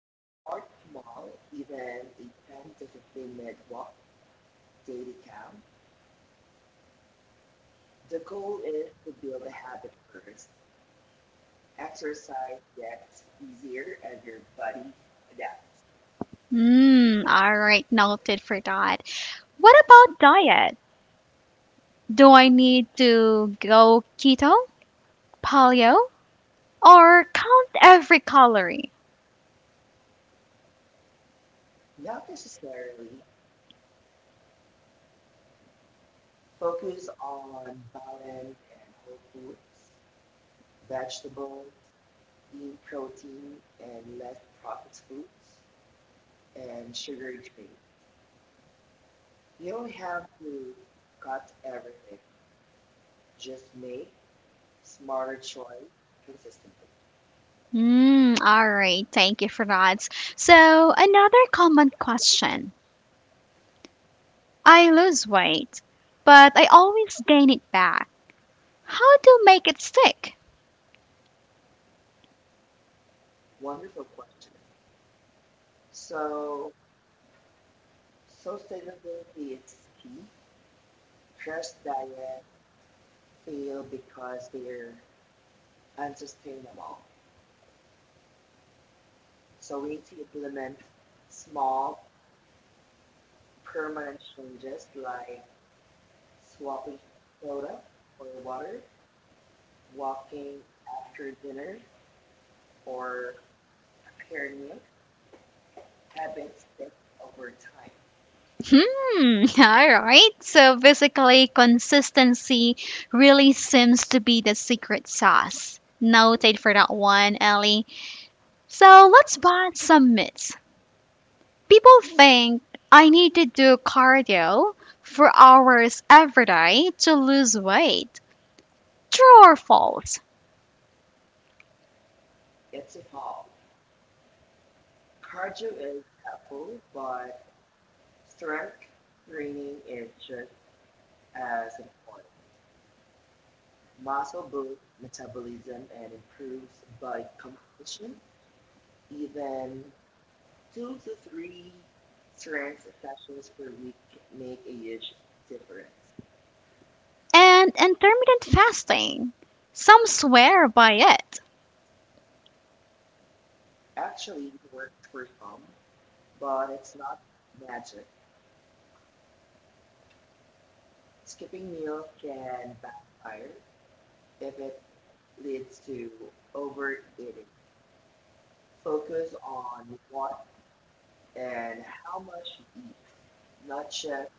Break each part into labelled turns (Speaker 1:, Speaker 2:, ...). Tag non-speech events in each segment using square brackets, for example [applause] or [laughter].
Speaker 1: You may start small, even a 10 to 15 minute walk, daily count. The goal is to build a habit first. Exercise gets easier as your body adapts.
Speaker 2: Mm, all right, noted for that. What about diet? Do I need to go keto, paleo, or count every calorie?
Speaker 1: Not necessarily focus on balance and whole foods, vegetables, lean protein, and less processed foods and sugar drinks. You don't have to cut everything. Just make smarter choice consistently.
Speaker 2: Mm, all right, thank you for that. So another common question. I lose weight, but I always gain it back. How to make it stick?
Speaker 1: Wonderful question. So, sustainability is key. Trash diets fail because they're unsustainable. So we need to implement small, permanent changes like swapping soda for water, walking after dinner, or preparing meals. Habits stick over time.
Speaker 2: Hmm, [laughs] all right. So basically, consistency really seems to be the secret sauce. Noted for that one, Ellie. So let's bust some myths. People think I need to do cardio for hours every day to lose weight. True or false?
Speaker 1: It's evolved. Cardio is helpful, but strength training is just as important. Muscle boosts metabolism and improves body composition. Even two to three strength sessions per week make a huge difference.
Speaker 2: And intermittent fasting. Some swear by it.
Speaker 1: Actually, it works for some, but it's not magic. Skipping meals can backfire if it leads to overeating. Focus on what and how much you eat, not just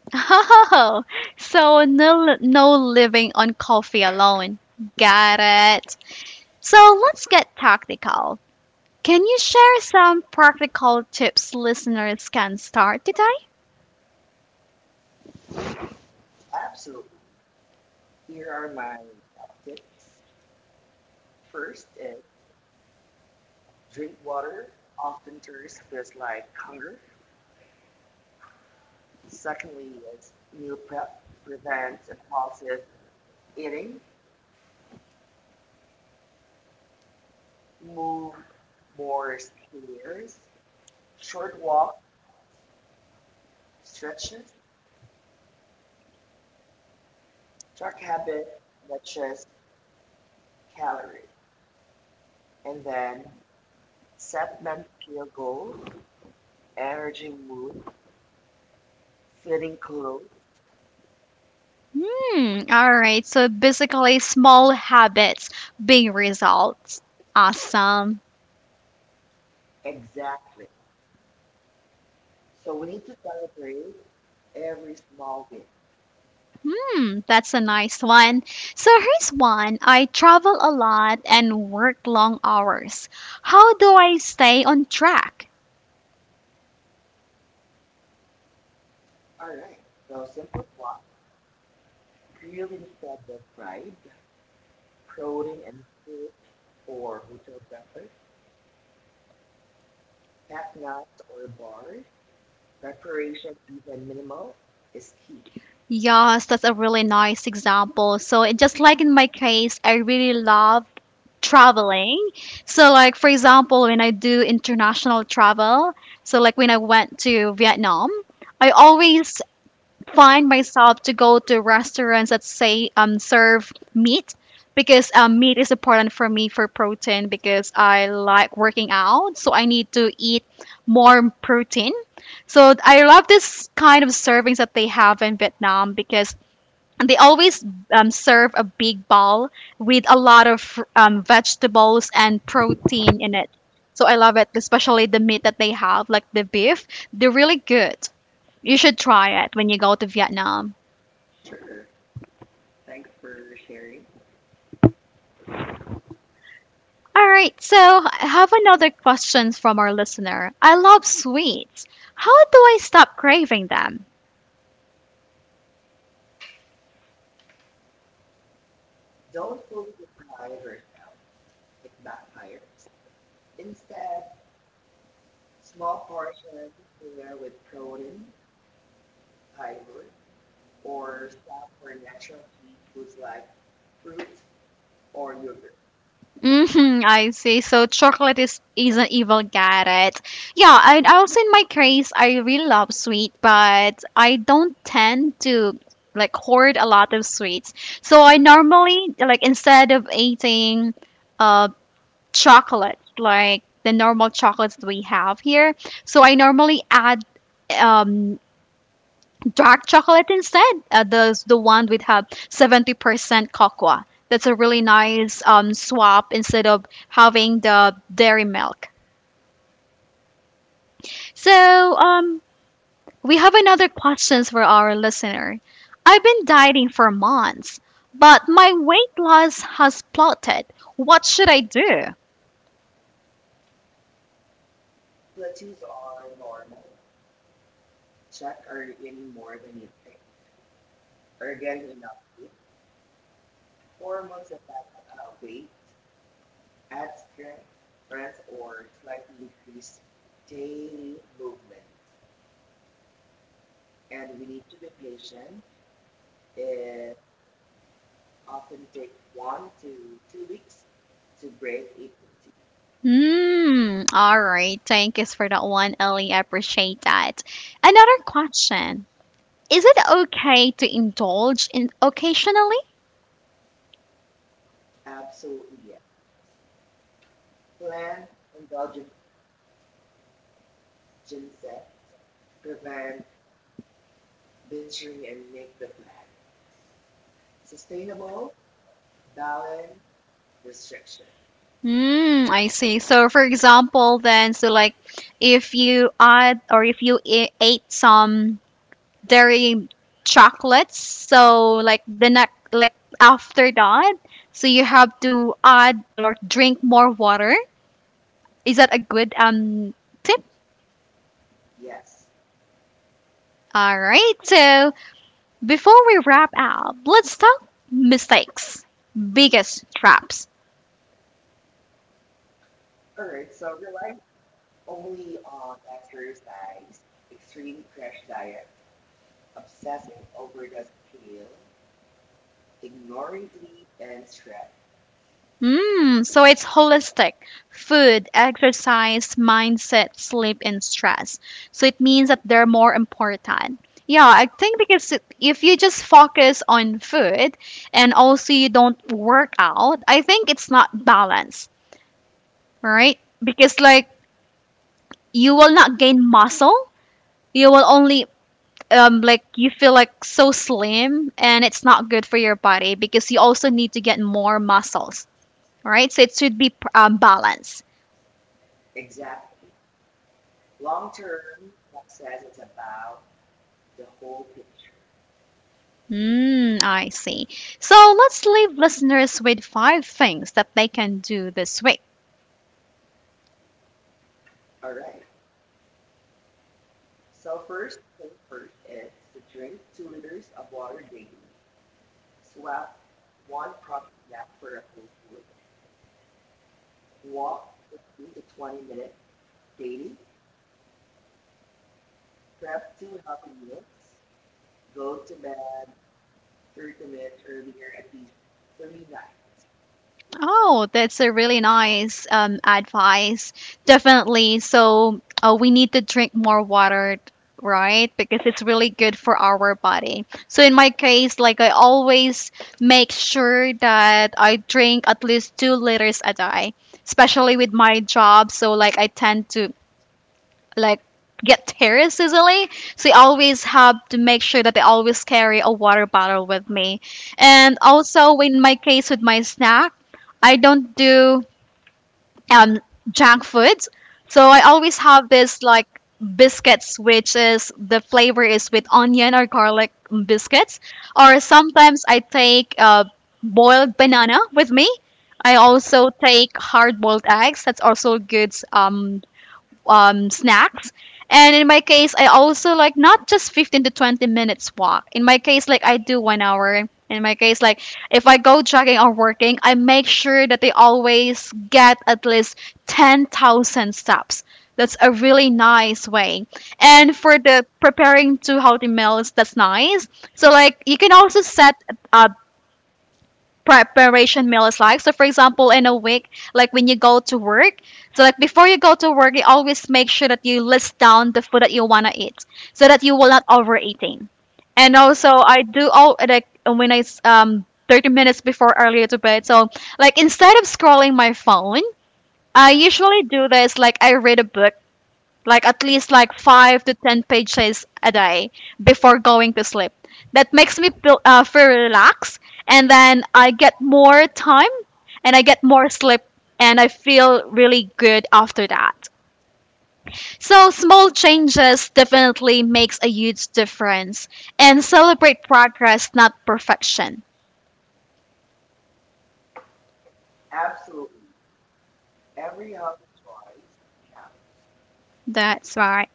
Speaker 2: [laughs] Oh, so no, no living on coffee alone. Got it. So let's get tactical. Can you share some practical tips listeners can start today?
Speaker 1: absolutely. Here are my top tips. First, drink water. Often tourists feels like hunger. Secondly, is meal prep prevents impulsive eating. Move more stairs. Short walk, stretches, track habit, matches calorie. And then set mental goals, energy mood, fitting clothes.
Speaker 2: Hmm, all right. So basically, small habits, big results. Awesome.
Speaker 1: Exactly. So we need to celebrate every small win.
Speaker 2: Hmm, that's a nice one. So here's one. I travel a lot and work long hours. How do I stay on track?
Speaker 1: All right. So simple swap, grilled instead of fried, protein and fruit or hotel breakfast, packed nuts or bars, preparation even minimal is key.
Speaker 2: Yes, that's a really nice example. So, just like in my case, I really love traveling. So like for example, when I do international travel, so like when I went to Vietnam, I always find myself to go to restaurants that say serve meat because meat is important for me for protein because I like working out, so I need to eat more protein. So I love this kind of servings that they have in Vietnam, because and they always serve a big bowl with a lot of vegetables and protein in it. So I love it, especially the meat that they have, like the beef. They're really good. You should try it when you go to Vietnam.
Speaker 1: Sure. Thanks for sharing.
Speaker 2: All right, so I have another question from our listener. I love sweets. How do I stop craving them?
Speaker 1: Don't fully deprive or it backfires. Instead, small portions pair with protein, fiber, or stuff for natural foods like fruits, or your
Speaker 2: Hmm, I see. So chocolate is an evil carrot. Yeah, and also in my case, I really love sweet, but I don't tend to like hoard a lot of sweets. So I normally, like, instead of eating uh chocolate, like the normal chocolates that we have here, so I normally add um dark chocolate instead. The one with have 70% cocoa. That's a really nice swap instead of having the dairy milk. So we have another questions for our listener. I've been dieting for months, but my weight loss has plotted. What should I do?
Speaker 1: abilities are warm, check are you getting more than you are you getting enough sleep, 4 months of that weight, add strength, breath, or slightly decrease daily movement. And we need to be patient. It often takes 1 to 2 weeks to break it
Speaker 2: Hmm. All right. Thank you for that one, Ellie. I appreciate that. Another question. Is it okay to indulge in occasionally?
Speaker 1: absolutely. Plan indulgent gym set, prevent binging and make the plan. Sustainable, balanced, restriction.
Speaker 2: Mm, I see. So, for example, then, so like if you add or if you ate some dairy chocolates, so like the next, like after that, so you have to add or drink more water. Is that a good tip?
Speaker 1: Yes.
Speaker 2: All right. So before we wrap up, let's talk mistakes, biggest traps.
Speaker 1: All right. So relying only on adverse diets, extreme crash diet, obsessive overdose, fuel, ignoring sleep and stress.
Speaker 2: Mm, so it's holistic: food, exercise, mindset, sleep, and stress. So it means that they're more important. Yeah, I think because if you just focus on food and also you don't work out, I think it's not balanced, right? Because like you will not gain muscle, you will only like you feel like so slim, and it's not good for your body because you also need to get more muscles, right? So it should be balanced.
Speaker 1: Exactly. Long term success is about the whole picture.
Speaker 2: Mm, I see. So let's leave listeners with five things that they can do this week.
Speaker 1: All right. So first thing first is to drink 2 liters of water daily. Swap one product for a full day. Walk 15 to 20 minutes daily. Prep two healthy meals go to bed 30 minutes earlier at least three nights.
Speaker 2: Oh, that's a really nice advice. Definitely. So we need to drink more water, right? Because it's really good for our body. So in my case, like I always make sure that I drink at least 2 liters a day, especially with my job. So like I tend to like get terrorists easily. So I always have to make sure that I always carry a water bottle with me. And also in my case with my snack, I don't do um junk foods. So I always have this like biscuits, which is the flavor is with onion or garlic biscuits, or sometimes I take boiled banana with me. I also take hard boiled eggs. That's also good snacks. And in my case, I also like not just 15 to 20 minutes walk. In my case, like I do 1 hour. In my case, like if I go jogging or working, I make sure that they always get at least 10,000 steps. That's a really nice way. And for the preparing two healthy meals, that's nice. So like you can also set uh, preparation meal is like. So for example, in a week, like when you go to work, so like before you go to work, you always make sure that you list down the food that you wanna eat, so that you will not overeating. And also, I do all like when I 30 minutes before earlier to bed. So like instead of scrolling my phone, I usually do this like I read a book like at least like 5 to 10 pages a day before going to sleep. That makes me feel, feel relaxed, and then I get more time, and I get more sleep, and I feel really good after that. So small changes definitely makes a huge difference, and celebrate progress, not perfection. That's right.